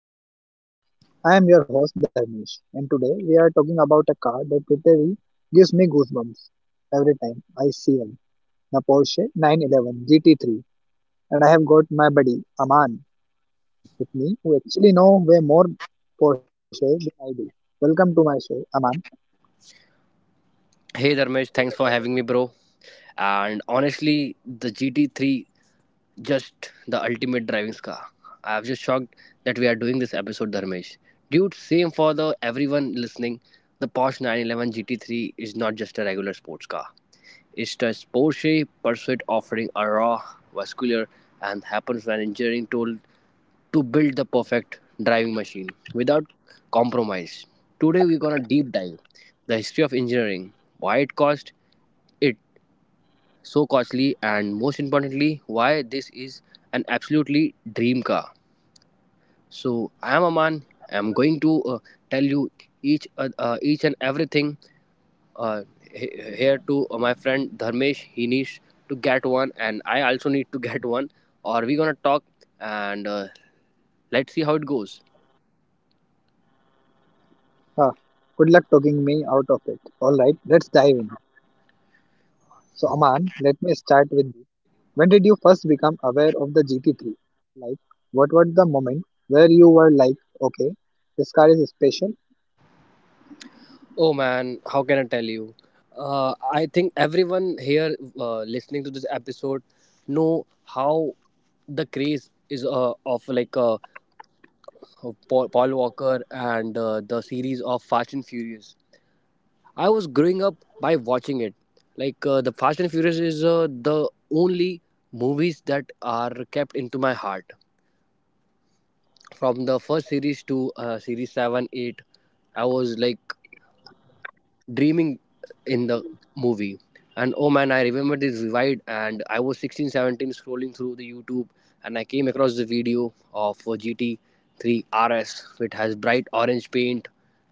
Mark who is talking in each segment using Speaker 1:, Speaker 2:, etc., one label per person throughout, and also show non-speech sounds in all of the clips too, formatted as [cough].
Speaker 1: Machines podcast. I am your host, Dharmesh, and today we are talking about a car that literally gives me goosebumps every time I see one the Porsche 911 GT3. And I have got my buddy Aman with me, who actually know way more Porsche than I do. Welcome to my show, Aman.
Speaker 2: Hey Dharmesh, thanks for having me, bro. And honestly, the GT3 just the ultimate driving car. I'm just shocked that we are doing this episode, Dharmesh. Dude, same for the everyone listening. The Porsche 911 GT3 is not just a regular sports car. It's a Porsche Pursuit offering a raw, vascular, and happens when engineering tool to build the perfect driving machine without compromise. Today we're gonna deep dive the history of engineering, why it cost it so costly, and most importantly why this is an absolutely dream car. So I am Aman. I'm going to tell you each and everything uh, here to my friend Dharmesh. He needs to get one, and I also need to [laughs] get one. Or we gonna talk, and let's see how it goes.
Speaker 1: Ah, good luck talking me out of it. All right, let's dive in. So, Aman, let me start with when did you first become aware of the GT3? Like, what was the moment where you were like, okay, this car is special?
Speaker 2: Oh man, how can I tell you? I think everyone here, listening to this episode, know how the craze is, of of Paul Walker, and the series of Fast and Furious. I was growing up by watching it. Like the Fast and Furious is the only movies that are kept into my heart. From the first series to series 7 8, I was like dreaming in the movie. And oh man, I remember this vivid, and I was 16, 17, scrolling through the YouTube, and I came across the video of a GT3 rs which has bright orange paint,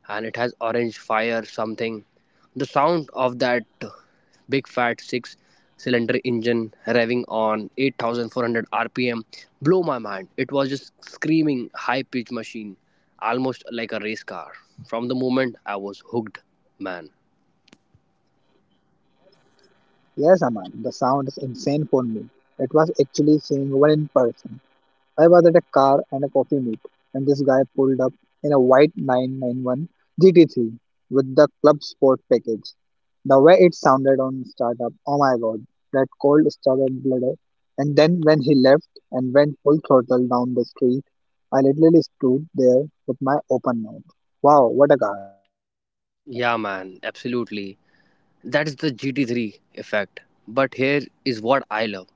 Speaker 2: and it has orange fire something. The sound of that big fat six-cylinder engine revving on 8400 rpm blew my mind. It was just screaming high pitch machine, almost like a race car. From the moment I was hooked, man.
Speaker 1: Yes, Aman, the sound is insane for me. It was actually seeing one in person. I was at a car and a coffee meet, and this guy pulled up in a white 991 GT3 with the Club Sport package. The way it sounded on startup, oh my god, that cold started bladder. And then when he left and went full throttle down the street, I literally stood there with my open mouth. Wow, what a car.
Speaker 2: Yeah man, absolutely. That is the GT3 effect. But here is what I love.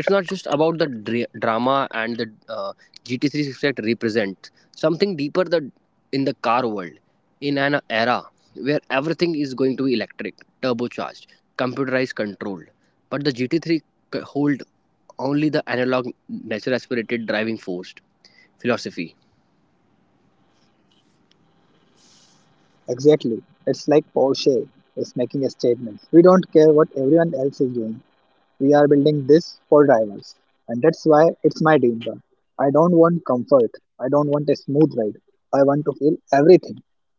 Speaker 2: It's not just about the drama, and the GT3 effect represents something deeper, in the car world. In an era where everything is going to be electric, turbocharged, computerized, controlled, but the GT3 hold only the analog, natural aspirated driving force philosophy.
Speaker 1: Exactly. It's like Porsche is making a statement. We don't care what everyone else is doing. We are building this for drivers. And that's why it's my dream car. I don't want comfort. I don't want a smooth ride. I want to feel everything.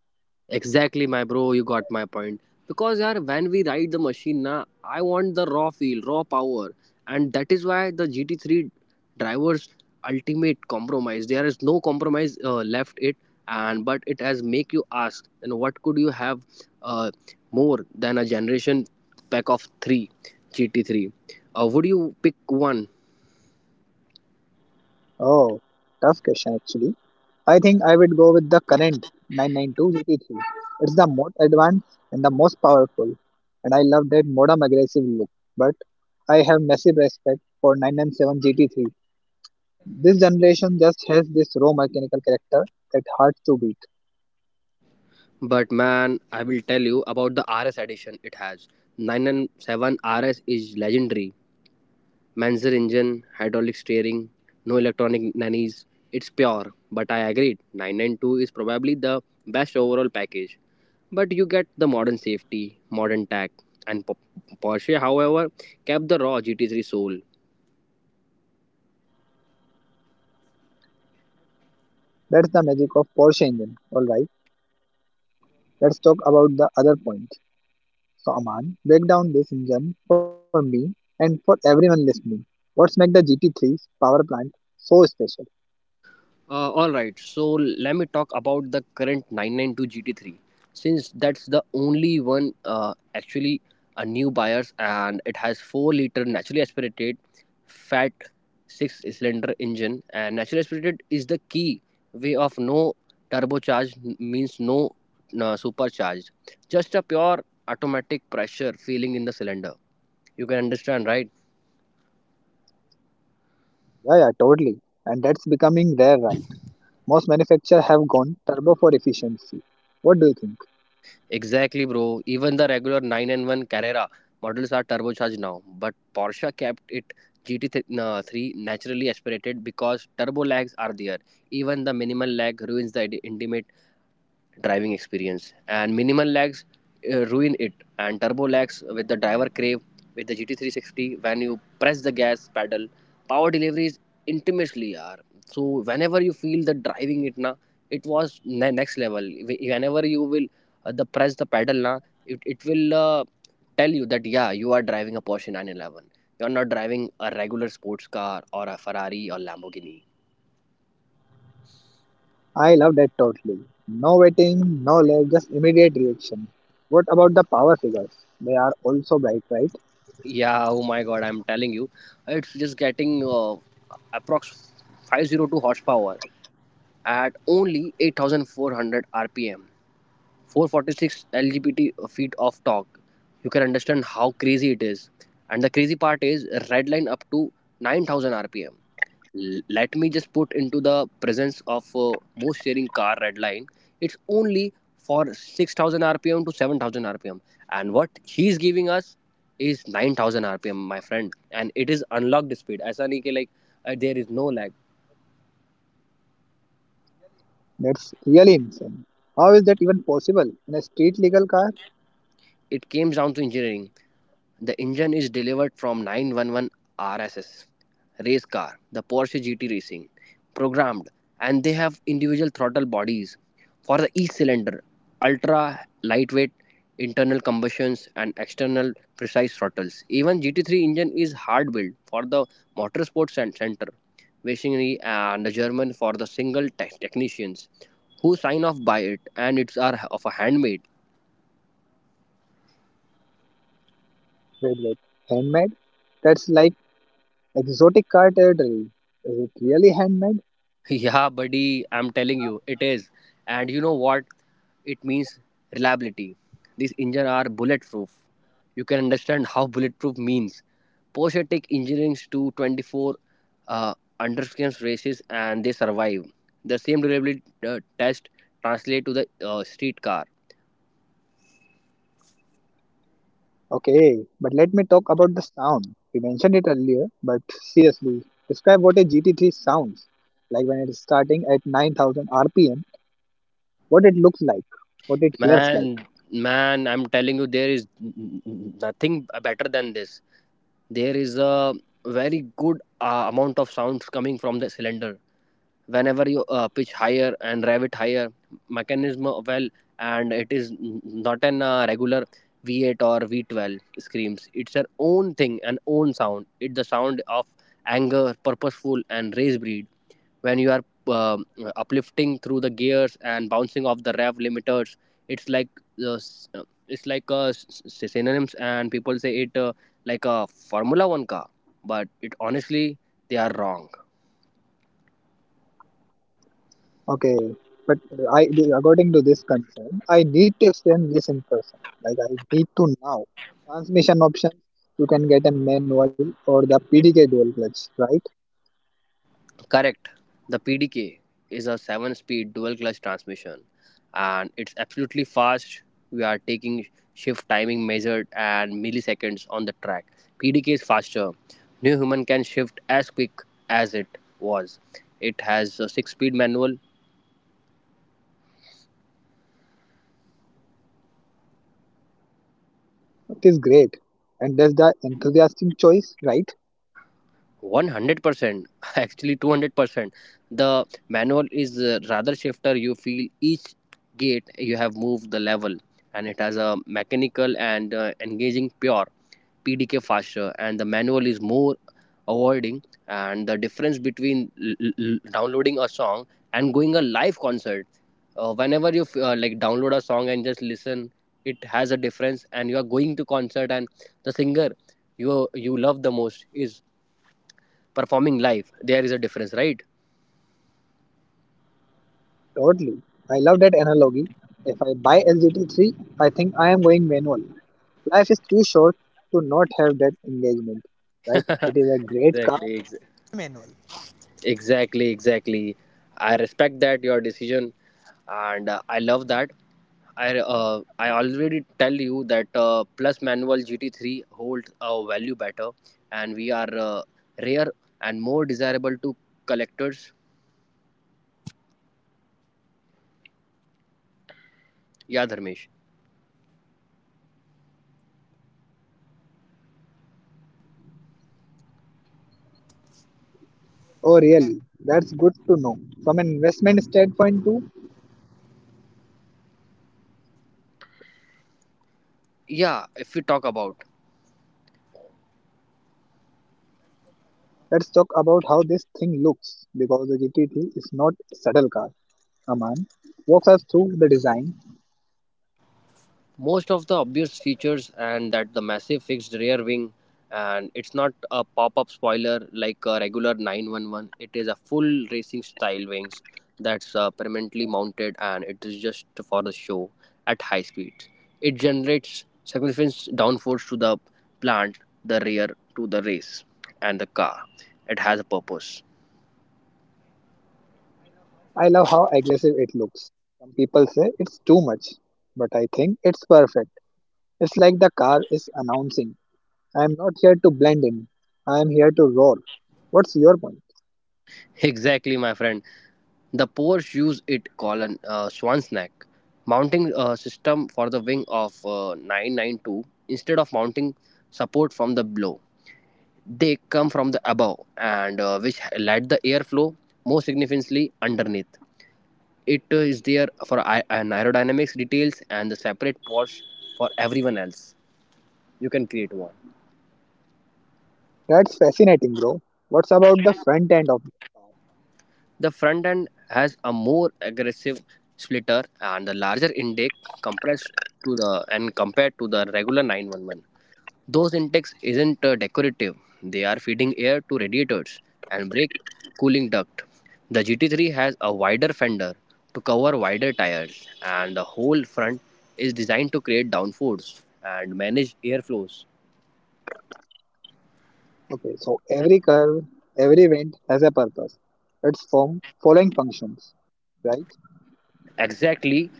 Speaker 2: Exactly, my bro. You got my point. Because, yeah, when we ride the machine, na, I want the raw feel, raw power, and that is why the GT3 drivers ultimate compromise. There is no compromise left it, and but it has make you ask, and what could you have uh, more than a generation pack of three GT3? Would you pick one?
Speaker 1: Oh, tough question actually. I think I would go with the current 992 GT3. It's the most advanced and the most powerful, and I love that modern aggressive look. But I have massive respect for 997 GT3. This generation just has this raw mechanical character that hard to beat.
Speaker 2: But man, I will tell you about the RS edition. It has 997 RS, is legendary Manzer engine, hydraulic steering, no electronic nannies. It's pure, but I agreed. 992 is probably the best overall package. But you get the modern safety, modern tech, and Porsche, however, kept the raw GT3 soul.
Speaker 1: That's the magic of Porsche engine. All right, let's talk about the other point. So Aman, break down this engine for me and for everyone listening. What's make the GT3's power plant so special?
Speaker 2: All right, so let me talk about the current 992 GT3, since that's the only one actually a new buyers, and it has 4-liter naturally aspirated fat 6-cylinder engine. And naturally aspirated is the key, way of no turbocharged, means no supercharged, just a pure automatic pressure feeling in the cylinder. You can understand, right?
Speaker 1: Yeah, yeah, totally. And that's becoming rare, right? Most manufacturers have gone turbo for efficiency. What do you think?
Speaker 2: Exactly, bro. Even the regular nine and one Carrera models are turbocharged now, but Porsche kept it GT3 naturally aspirated, because turbo lags are there. Even the minimal lag ruins the intimate driving experience, and minimal lags ruin it, and turbo lags with the driver crave with the GT360. When you press the gas pedal, power delivery is intimately are so. Whenever you feel the driving it na, it was next level. Whenever you will the press the pedal na, it will tell you that yeah you are driving a Porsche 911. You're not driving a regular sports car or a Ferrari or Lamborghini.
Speaker 1: I love that totally. No waiting, no lag, just immediate reaction. What about the power figures? They are also bright, right?
Speaker 2: Yeah, oh my god, I'm telling you, it's just getting approx 502 horsepower at only 8400 rpm, 446 lgbt feet of torque. You can understand how crazy it is. And the crazy part is red line up to 9000 rpm. Let me just put into the presence of most sharing car redline, it's only for 6000 rpm to 7000 rpm, and what he's giving us is 9000 rpm, my friend. And it is unlocked speed ऐसा नहीं कि like there is no lag.
Speaker 1: That's really insane. How is that even possible in a street legal car?
Speaker 2: It came down to engineering. The engine is delivered from 911 RSS race car, the Porsche GT Racing, programmed, and they have individual throttle bodies for the E cylinder, ultra lightweight internal combustions and external precise throttles. Even GT3 engine is hard built for the motorsport center, machinery, and the German for the single technicians who sign off by it, and it's are of a handmade.
Speaker 1: Wait, wait, handmade? That's like exotic car territory. Is it really handmade?
Speaker 2: [laughs] Yeah, buddy, I'm telling you, it is. And you know what? It means reliability. These engines are bulletproof. You can understand how bulletproof means. Porsche take engineers to 24 uh, underscans races, and they survive. The same durability test translate to the street car.
Speaker 1: Okay, but let me talk about the sound. We mentioned it earlier, but seriously, describe what a GT3 sounds like when starting at 9000 RPM, what it looks like, what it hears like.
Speaker 2: Man, man, I'm telling you, there is nothing better than this. There is a very good amount of sounds coming from the cylinder whenever you pitch higher and rev it higher mechanism well. And it is not an regular V8 or V12 screams. It's their own thing and own sound. It's the sound of anger, purposeful and race breed. When you are um uplifting through the gears and bouncing off the rev limiters, it's like the uh, it's like uh, synonyms and people say it like a formula one car, but it honestly they are wrong.
Speaker 1: Okay, but I, according to this concern, I need to explain this in person. Like I need to now. Transmission options, you can get a manual or the PDK dual clutch, right?
Speaker 2: Correct. The PDK is a 7 speed dual clutch transmission, and it's absolutely fast. We are taking shift timing measured and milliseconds on the track. PDK is faster. New human can shift as quick as it was. It has a 6 speed manual.
Speaker 1: It is great. And there's the enthusiastic choice, right?
Speaker 2: 100% [laughs] actually 200%, the manual is rather shifter. You feel each gate you have moved the level, and it has a mechanical and engaging pure. PDK faster, and the manual is more avoiding, and the difference between downloading a song and going a live concert. Whenever you like download a song and just listen, it has a difference. And you are going to concert, and the singer you love the most is performing live. There is a difference, right?
Speaker 1: Totally. I love that analogy. If I buy LGT3, I think I am going manual. Life is too short to not have that engagement, right? It is a
Speaker 2: [laughs]
Speaker 1: great
Speaker 2: exactly ex- exactly. I respect that your decision, and I love that. I uh, i already tell you that plus manual GT3 holds a value better, and we are rare and more desirable to collectors. Yeah, Dharmesh.
Speaker 1: Oh, really? That's good to know. From an investment standpoint, too,
Speaker 2: Yeah, if we talk about.
Speaker 1: let's talk about how this thing looks because the GT3 is not a subtle car. Aman walks us through the design.
Speaker 2: Most of the obvious features, and that the massive fixed rear wing, and it's not a pop-up spoiler like a regular 911. It is a full racing style wings that's permanently mounted, and it is just for the show. At high speeds, it generates significant downforce to the plant, the rear to the race, and the car. It has a purpose.
Speaker 1: I love how aggressive it looks. Some people say it's too much, but I think it's perfect. It's like the car is announcing, I am not here to blend in, I am here to roar. What's your point?
Speaker 2: Exactly, my friend. The Poors use it colon swan's neck mounting system for the wing of 992, instead of mounting support from the below. They come from the above, and which let the airflow more significantly underneath. It is there for an aerodynamics details, and the separate Porsche for everyone else. You can create one.
Speaker 1: That's fascinating, bro. What's about the front end of
Speaker 2: The front end has a more aggressive splitter and the larger intake compressed to the and compared to the regular 911. Those intakes isn't decorative. They are feeding air to radiators and brake cooling duct. The GT3 has a wider fender to cover wider tires, and the whole front is designed to create downforce and manage airflows.
Speaker 1: Okay, so every curve, every event has a purpose. It's from following functions, right?
Speaker 2: Exactly,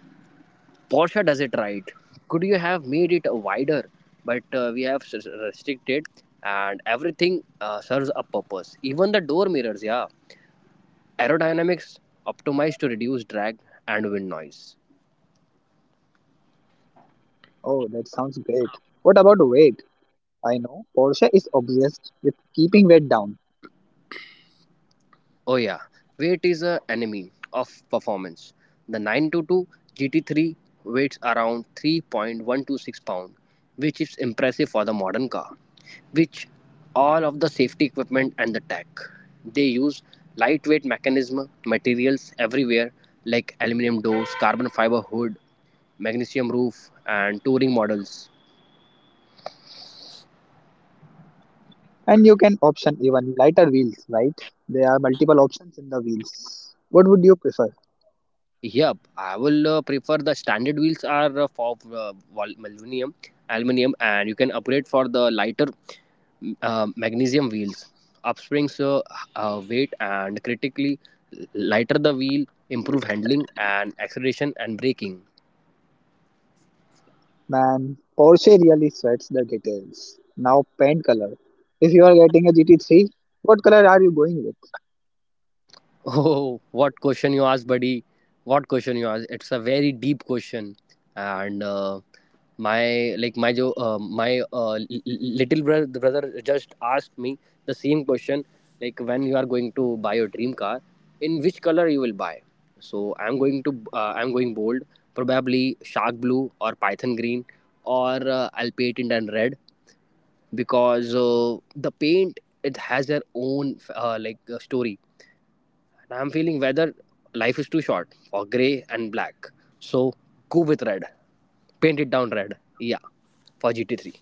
Speaker 2: Porsche does it right. Could you have made it wider? But we have restricted, and everything serves a purpose. Even the door mirrors, yeah. Aerodynamics optimized to reduce drag and wind noise.
Speaker 1: Oh, that sounds great. What about weight? I know Porsche is obsessed with keeping weight down,
Speaker 2: Oh yeah, weight is a enemy of performance. The 922 GT3 weighs around 3.126 pound, which is impressive for the modern car. Which all of the safety equipment and the tech. They use lightweight mechanism materials everywhere, like aluminum doors, carbon fiber hood, magnesium roof, and touring models.
Speaker 1: and you can option even lighter wheels, right? There are multiple options in the wheels. What would you prefer?
Speaker 2: Yep, I will prefer the standard wheels are for aluminum, aluminum, and you can upgrade for the lighter magnesium wheels. Upsprings weight, and critically lighter the wheel, improve handling and acceleration and braking.
Speaker 1: Man, Porsche really sweats the details. Now, paint color. If you are getting a GT3, what color are you going with?
Speaker 2: Oh, what question you asked, buddy. What question you asked. It's a very deep question. And my like my little brother just asked me the same question, like when you are going to buy your dream car, in which color you will buy. So I'm going bold, probably shark blue or python green or I'll paint it in red because the paint it has their own story. And I'm feeling whether life is too short for grey and black. So go with red. Paint it down red. Yeah, for GT3.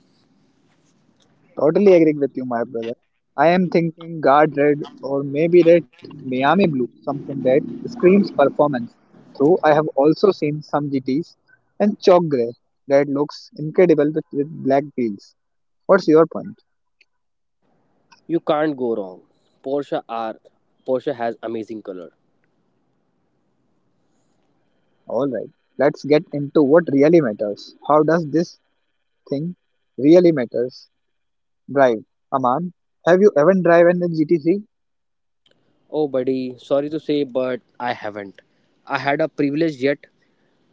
Speaker 1: Totally agree with you, my brother. I am thinking guard red or maybe red Miami blue, something that screams performance. Though I have also seen some GTs and chalk grey that looks incredible with, black wheels. What's your point?
Speaker 2: You can't go wrong. Porsche R. Porsche has amazing color.
Speaker 1: Alright, let's get into what really matters. How does this thing really matters? Drive. Aman, have you ever driven a GT3?
Speaker 2: Oh, buddy, sorry to say, but I haven't. I had a privilege yet,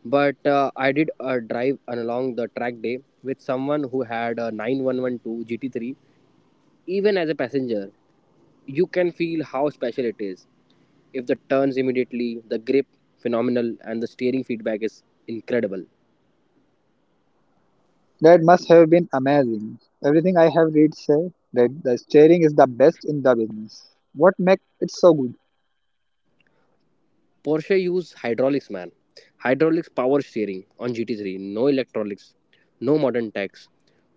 Speaker 2: but I did a drive along the track day with someone who had a 9112 GT3, even as a passenger. You can feel how special it is. If the turns immediately, the grip phenomenal, and the steering feedback is incredible.
Speaker 1: That must have been amazing. Everything I have read say that the steering is the best in the business. What makes it so good?
Speaker 2: Porsche use hydraulics, man. Hydraulics power steering on GT3. No electronics, no modern techs,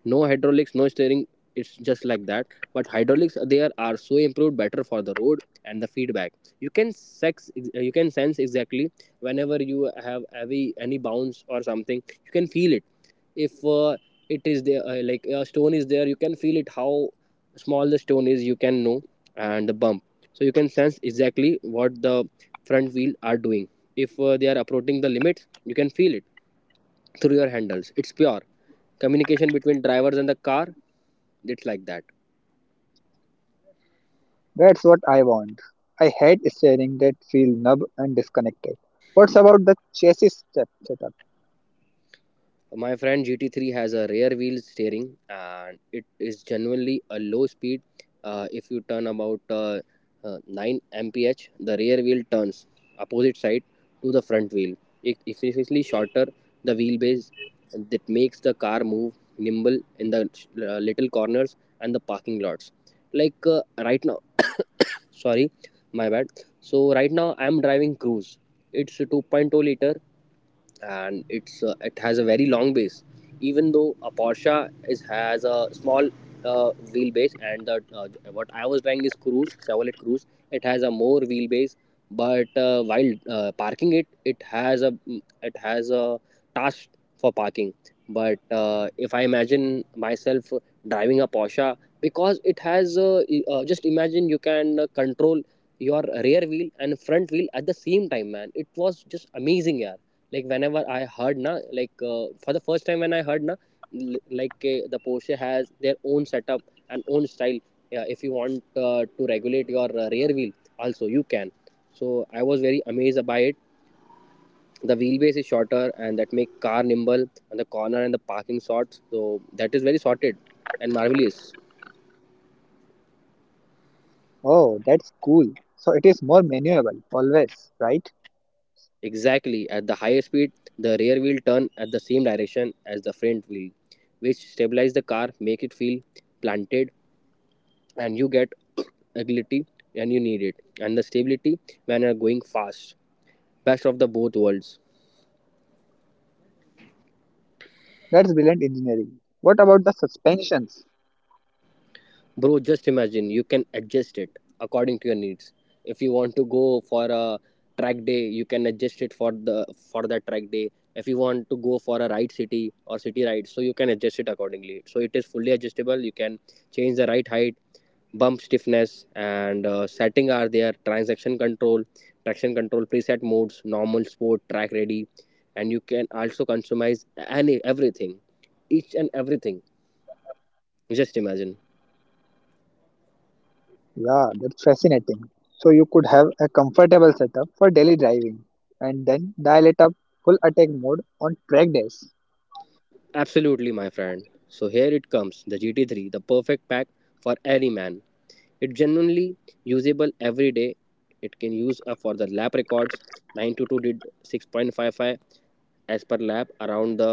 Speaker 2: no hydraulics, no steering. It's just like that. But hydraulics there are so improved, better for the road and the feedback. You can sense exactly whenever you have heavy any bounce or something. You can feel it. If it is there, like a stone is there, you can feel it. How small the stone is, you can know, and the bump. So you can sense exactly what the front wheel are doing. If they are approaching the limits, you can feel it through your handles. It's pure communication between drivers and the car. It's like that.
Speaker 1: That's what I want. I hate steering that feel numb and disconnected. What's about the chassis step setup?
Speaker 2: My friend GT3 has a rear wheel steering, and it is genuinely a low speed. If you turn about 9 mph, the rear wheel turns opposite side to the front wheel. It efficiently shorter the wheelbase that makes the car move nimble in the little corners and the parking lots. Like right now, sorry, my bad. So right now I am driving Cruise. It's a 2.0 liter, and it has a very long base. Even though a Porsche is has a small wheelbase, and the what I was driving is Cruise, Chevrolet Cruise. It has a more wheelbase, but while parking it, it has a task for parking. But if I imagine myself driving a Porsche, because it has just imagine you can control your rear wheel and front wheel at the same time, man. It was just amazing, yeah. Like whenever I heard na, for the first time when I heard na, the Porsche has their own setup and own style. Yeah, if you want to regulate your rear wheel also, you can. So I was very amazed by it. The wheelbase is shorter and that make car nimble and the corner and the parking sorts, so that is very sorted and marvelous.
Speaker 1: Oh, that's cool. So it is more maneuverable, always, right?
Speaker 2: Exactly, at the higher speed the rear wheel turn at the same direction as the front wheel, which stabilize the car, make it feel planted. And you get agility, and you need it, and the stability when you're going fast. Best of the both worlds.
Speaker 1: That's brilliant engineering. What about the suspensions?
Speaker 2: Bro, just imagine you can adjust it according to your needs. If you want to go for a track day, you can adjust it for the for that track day. If you want to go for a ride city or city ride, so you can adjust it accordingly. So it is fully adjustable. You can change the ride height, bump stiffness, and setting are there. Traction control, preset modes, normal, sport, track ready. And you can also customize any everything, each and everything. Just imagine.
Speaker 1: Yeah, that's fascinating. So you could have a comfortable setup for daily driving and then dial it up full attack mode on track days.
Speaker 2: Absolutely, my friend. So here it comes the GT3, the perfect pack for any man. It's genuinely usable every day. It can use up for the lap records. 922 did 6.55 as per lap around the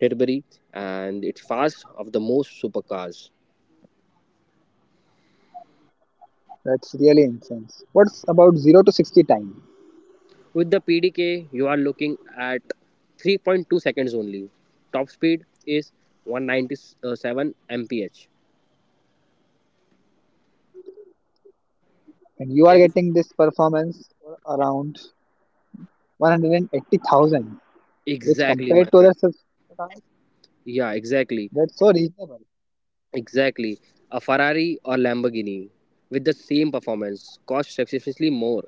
Speaker 2: Derby, and it's fast of the most supercars.
Speaker 1: That's really insane. What's about 0 to 60 time?
Speaker 2: With the PDK, you are looking at 3.2 seconds only. Top speed is 197 mph.
Speaker 1: And you are
Speaker 2: There is-
Speaker 1: getting this performance for around 180,000, which
Speaker 2: Exactly, my
Speaker 1: compared to
Speaker 2: friend.
Speaker 1: other cars,
Speaker 2: Yeah, exactly.
Speaker 1: that's so reasonable.
Speaker 2: Exactly. A Ferrari or Lamborghini with the same performance costs significantly more.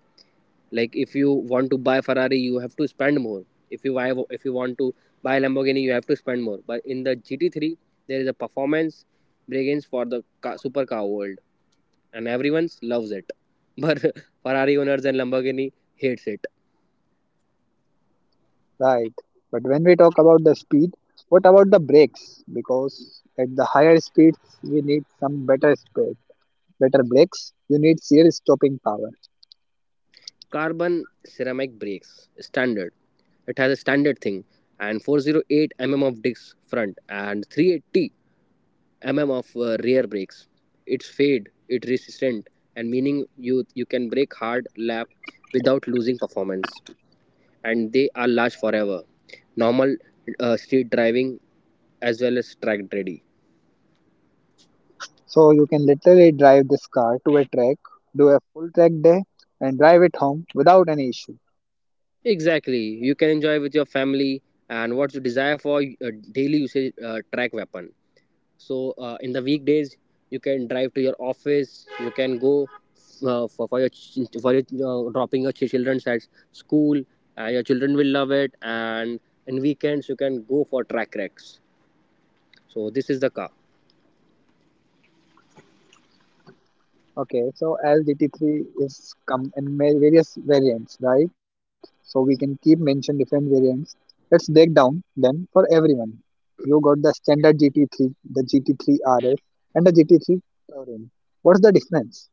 Speaker 2: Like if you want to buy Ferrari, you have to spend more. If you want to buy Lamborghini, you have to spend more. But in the GT3, there is a performance brilliance for the supercar world, and everyone loves it. [laughs] But Ferrari owners and Lamborghini hates it.
Speaker 1: Right. But when we talk about the speed, what about the brakes? Because at the higher speeds, we need some better speed, better brakes. You need serious stopping power.
Speaker 2: Carbon ceramic brakes, standard. It has a standard thing and 408 mm of disc front and 380 mm of rear brakes. It's fade, it resistant, and meaning you can brake hard lap without losing performance. And they are large forever. Normal street driving as well as track ready.
Speaker 1: So you can literally drive this car to a track, do a full track day, and drive it home without any issue.
Speaker 2: Exactly, you can enjoy with your family and what's your desire for daily usage, track weapon. So in the weekdays you can drive to your office, you can go for your for your dropping your children at school. And your children will love it, and in weekends you can go for track racks. So this is the car.
Speaker 1: Okay, so as DT3 is come in various variants, right? So we can keep mention different variants. Let's break down them for everyone. You got the standard GT3, the GT3 RS, and the GT3 Touring. What's the difference?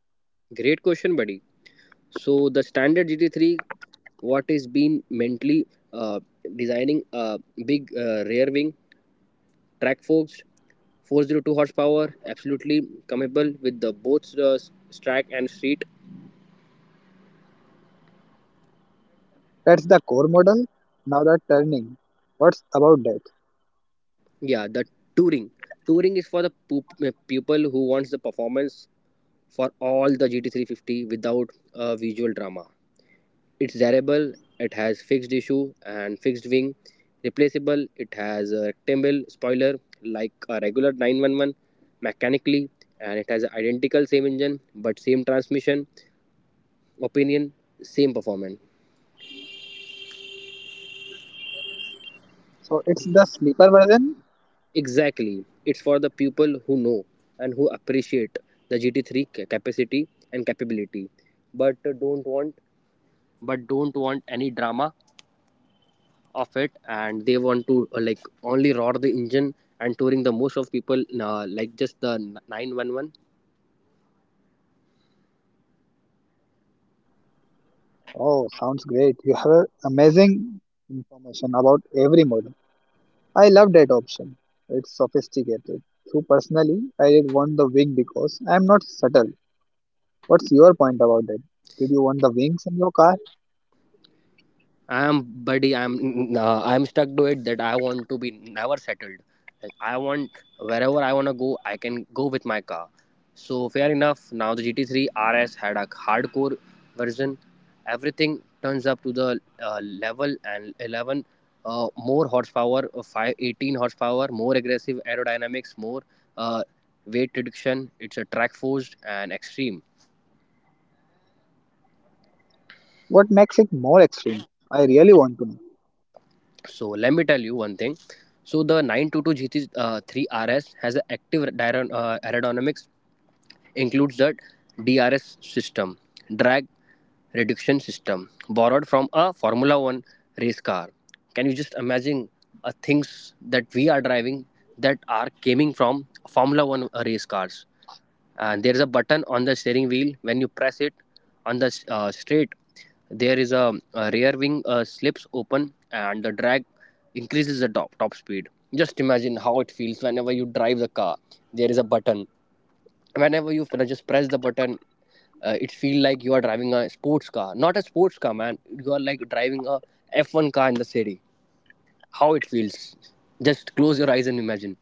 Speaker 2: Great question, buddy. So the standard GT3, what is been mentally uh, designing a big rear wing, track forged, 402 horsepower, absolutely compatible with the both the track and street.
Speaker 1: That's the core model. Now the turning, what's about that?
Speaker 2: Yeah, the touring. Touring is for the people who wants the performance for all the GT350 without a visual drama. It's durable, it has fixed issue and fixed wing, replaceable. It has a rectangle spoiler like a regular 911 mechanically, and it has identical same engine but same transmission, opinion, same performance.
Speaker 1: So it's the sleeper version.
Speaker 2: Exactly. It's for the people who know and who appreciate the GT3 capacity and capability, but uh, don't want but don't want any drama of it, and they want to only roar the engine. And touring, the most of people like just the 911.
Speaker 1: Oh, sounds great. You have a amazing information about every model. I love that option. It's sophisticated. Through personally, I did want the wing because I am not subtle. What's your point about that? Did you want the wings in your car?
Speaker 2: I'm, buddy. I'm stuck to it that I want to be never settled. Like I want, wherever I wanna go, I can go with my car. So fair enough. Now the GT3 RS had a hardcore version. Everything turns up to the level and 11, more horsepower, 18 horsepower, more aggressive aerodynamics, more uh, weight reduction. It's a track forced and extreme.
Speaker 1: What makes it more extreme? I really want to know.
Speaker 2: So let me tell you one thing. So the 922 GT3 RS has an active aerodynamics, includes the DRS system, drag reduction system, borrowed from a Formula One race car. Can you just imagine things that we are driving that are coming from Formula One race cars? And there is a button on the steering wheel. When you press it on the straight, there is a rear wing slips open, and the drag increases the top speed. Just imagine how it feels whenever you drive the car. There is a button, whenever you just press the button, it feel like you are driving a sports car, not a sports car, man, you are like driving a F1 car in the city. How it feels, just close your eyes and imagine.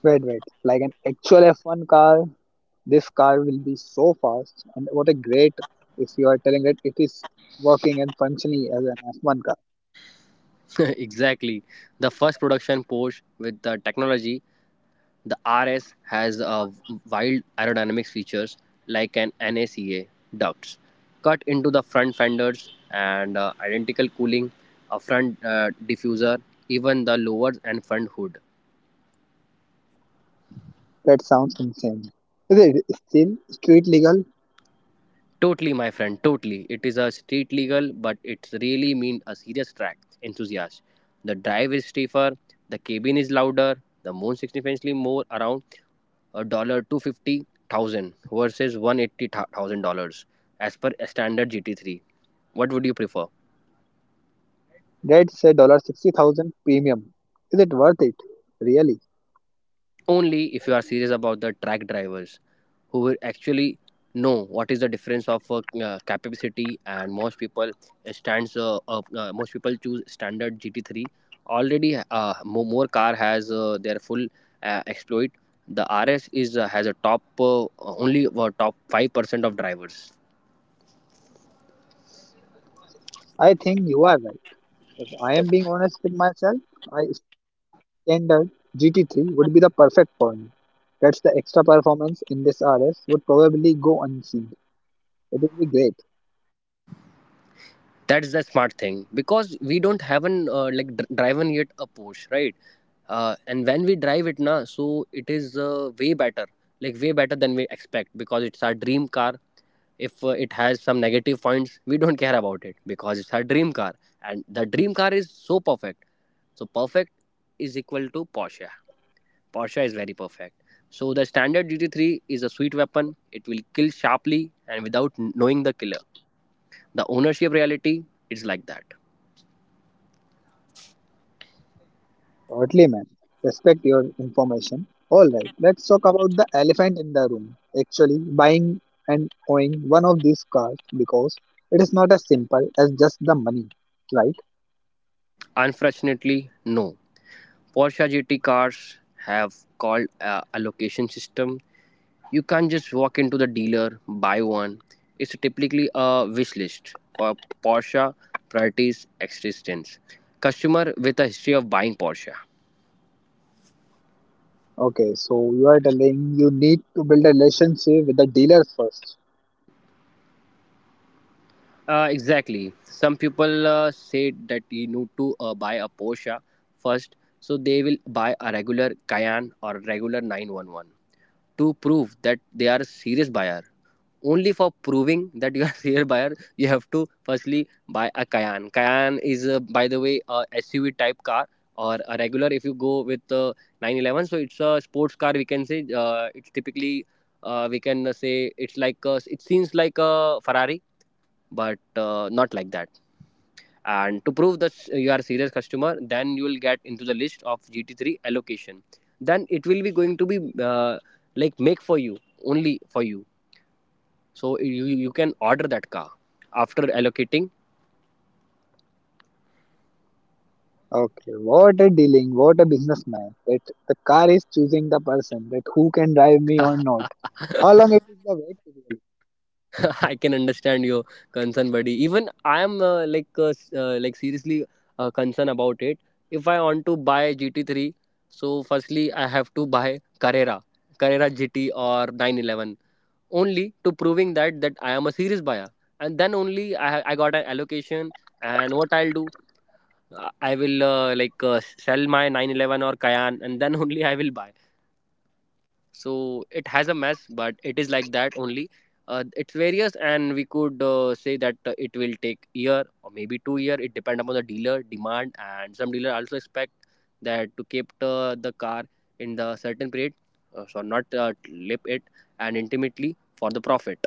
Speaker 1: Wait, wait. Like an actual F1 car, this car will be so fast. And what a great if you are telling that it is working and functioning as an F1 car.
Speaker 2: [laughs] Exactly, the first production Porsche with the technology. The RS has wild aerodynamics features like an NACA ducts cut into the front fenders, and identical cooling, a front diffuser, even the lower and front hood.
Speaker 1: That sounds insane. Is it still street legal?
Speaker 2: Totally, my friend, totally. It is a street legal, but it's really mean a serious track enthusiast. The drive is stiffer, the cabin is louder, the moon significantly more, around a dollar 250,000 versus $180,000 as per a standard GT3. What would you prefer?
Speaker 1: That's a dollar 60,000 premium. Is it worth it? Really?
Speaker 2: Only if you are serious about the track drivers who will actually know what is the difference of capability. And most people choose standard GT3 already. More car has their full exploit. The RS is has a top, only top 5% of drivers.
Speaker 1: I think you are right. If I am being honest with myself, I standard GT3 would be the perfect for me. That's the extra performance in this RS would probably go unseen. It would be great.
Speaker 2: That's the smart thing because we don't haven't driven yet a Porsche, right? And when we drive it now, so it is way better, like way better than we expect, because it's our dream car. If it has some negative points, we don't care about it, because it's our dream car. And the dream car is so perfect, so perfect, is equal to Porsche. Porsche is very perfect, so the standard GT3 is a sweet weapon. It will kill sharply and without knowing the killer. The ownership reality is like that.
Speaker 1: Oddly, man. Respect your information. Alright, let's talk about the elephant in the room. Actually, buying and owning one of these cars because it is not as simple as just the money, right?
Speaker 2: Unfortunately, no. Porsche GT cars have called a allocation system. You can't just walk into the dealer, buy one. It's typically a wish list for Porsche priorities existence. Customer with a history of buying Porsche.
Speaker 1: Okay, so you are telling you need to build a relationship with the dealer first.
Speaker 2: Exactly. Some people say that you need to buy a Porsche first, so they will buy a regular Cayenne or regular 911, to prove that they are a serious buyer. Only for proving that you are [laughs] a serious buyer, you have to firstly buy a Cayenne. Cayenne is, by the way, a SUV type car or a regular. If you go with 911, so it's a sports car. We can say it's typically, we can say it's like it seems like a Ferrari, but not like that. And to prove that you are a serious customer, then you will get into the list of GT3 allocation. Then it will be going to be make for you, only for you. So you can order that car after allocating.
Speaker 1: Okay, what a dealing, what a businessman. That the car is choosing the person that who can drive me or
Speaker 2: [laughs]
Speaker 1: not. How long it is the wait period?
Speaker 2: I can understand your concern, buddy. Even I am like seriously concerned about it. If I want to buy GT3, so firstly I have to buy Carrera GT or 911, only to proving that I am a serious buyer. And then only I got an allocation. And what I'll do, I will sell my 911 or Kayan, and then [laughs] only I will buy. So it has a mess, but it is like that only. It's various, and we could say that it will take year or maybe 2 year. It depend upon the dealer demand, and some dealer also expect that to keep the car in the certain period, so not lip it and intimately for the profit.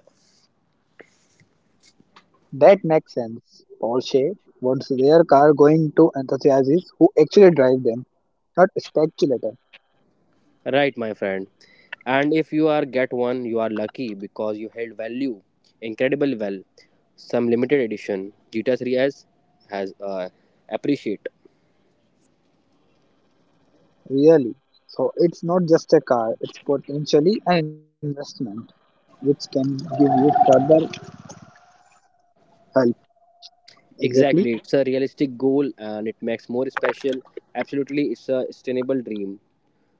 Speaker 1: That makes sense. Porsche wants their car going to enthusiasts who actually drive them, not speculator.
Speaker 2: Right, my friend. And if you are get one, you are lucky because you held value incredible well. Some limited edition GTA 3S has appreciate.
Speaker 1: Really. So it's not just a car, it's potentially an investment which can give you further help. Exactly.
Speaker 2: Exactly, it's a realistic goal and it makes more special. Absolutely, it's a sustainable dream.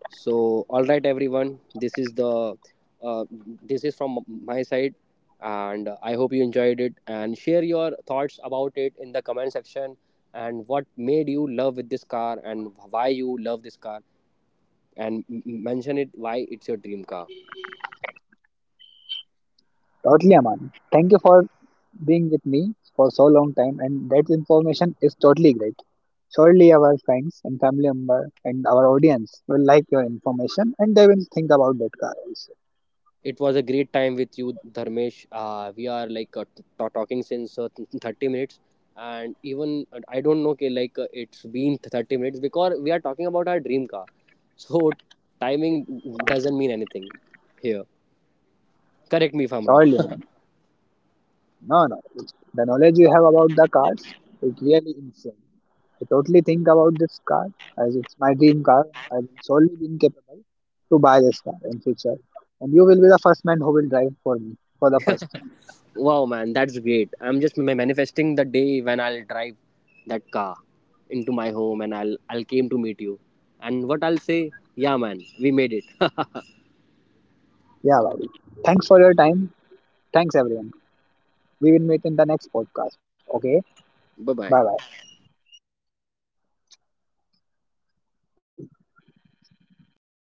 Speaker 2: So, all right, everyone. Uh, this is from my side, and I hope you enjoyed it. And share your thoughts about it in the comment section. And what made you love with this car, and why you love this car, and mention it, why it's your dream car.
Speaker 1: Totally Aman. Thank you for being with me for so long time and that information is totally great. Surely our friends and family member and our audience will like your information and they will think about that car also.
Speaker 2: It was a great time with you, Dharmesh. We are talking since 30 minutes, and even I don't know, okay, it's been 30 minutes because we are talking about our dream car. [laughs] So timing doesn't mean anything here. Correct me if I'm wrong.
Speaker 1: Surely man.
Speaker 2: [laughs]
Speaker 1: No, no. The knowledge you have about the cars is really insane. I totally think about this car as it's my dream car. I will surely be capable to buy this car in future. And you will be the first man who will drive for me for the first time.
Speaker 2: Wow, man, that's great. I'm just manifesting the day when I'll drive that car into my home, and I'll came to meet you. And what I'll say, yeah, man, we made it. [laughs]
Speaker 1: Yeah, buddy. Thanks for your time. Thanks everyone. We will meet in the next podcast. Okay,
Speaker 2: Bye
Speaker 1: bye
Speaker 2: bye.
Speaker 1: bye.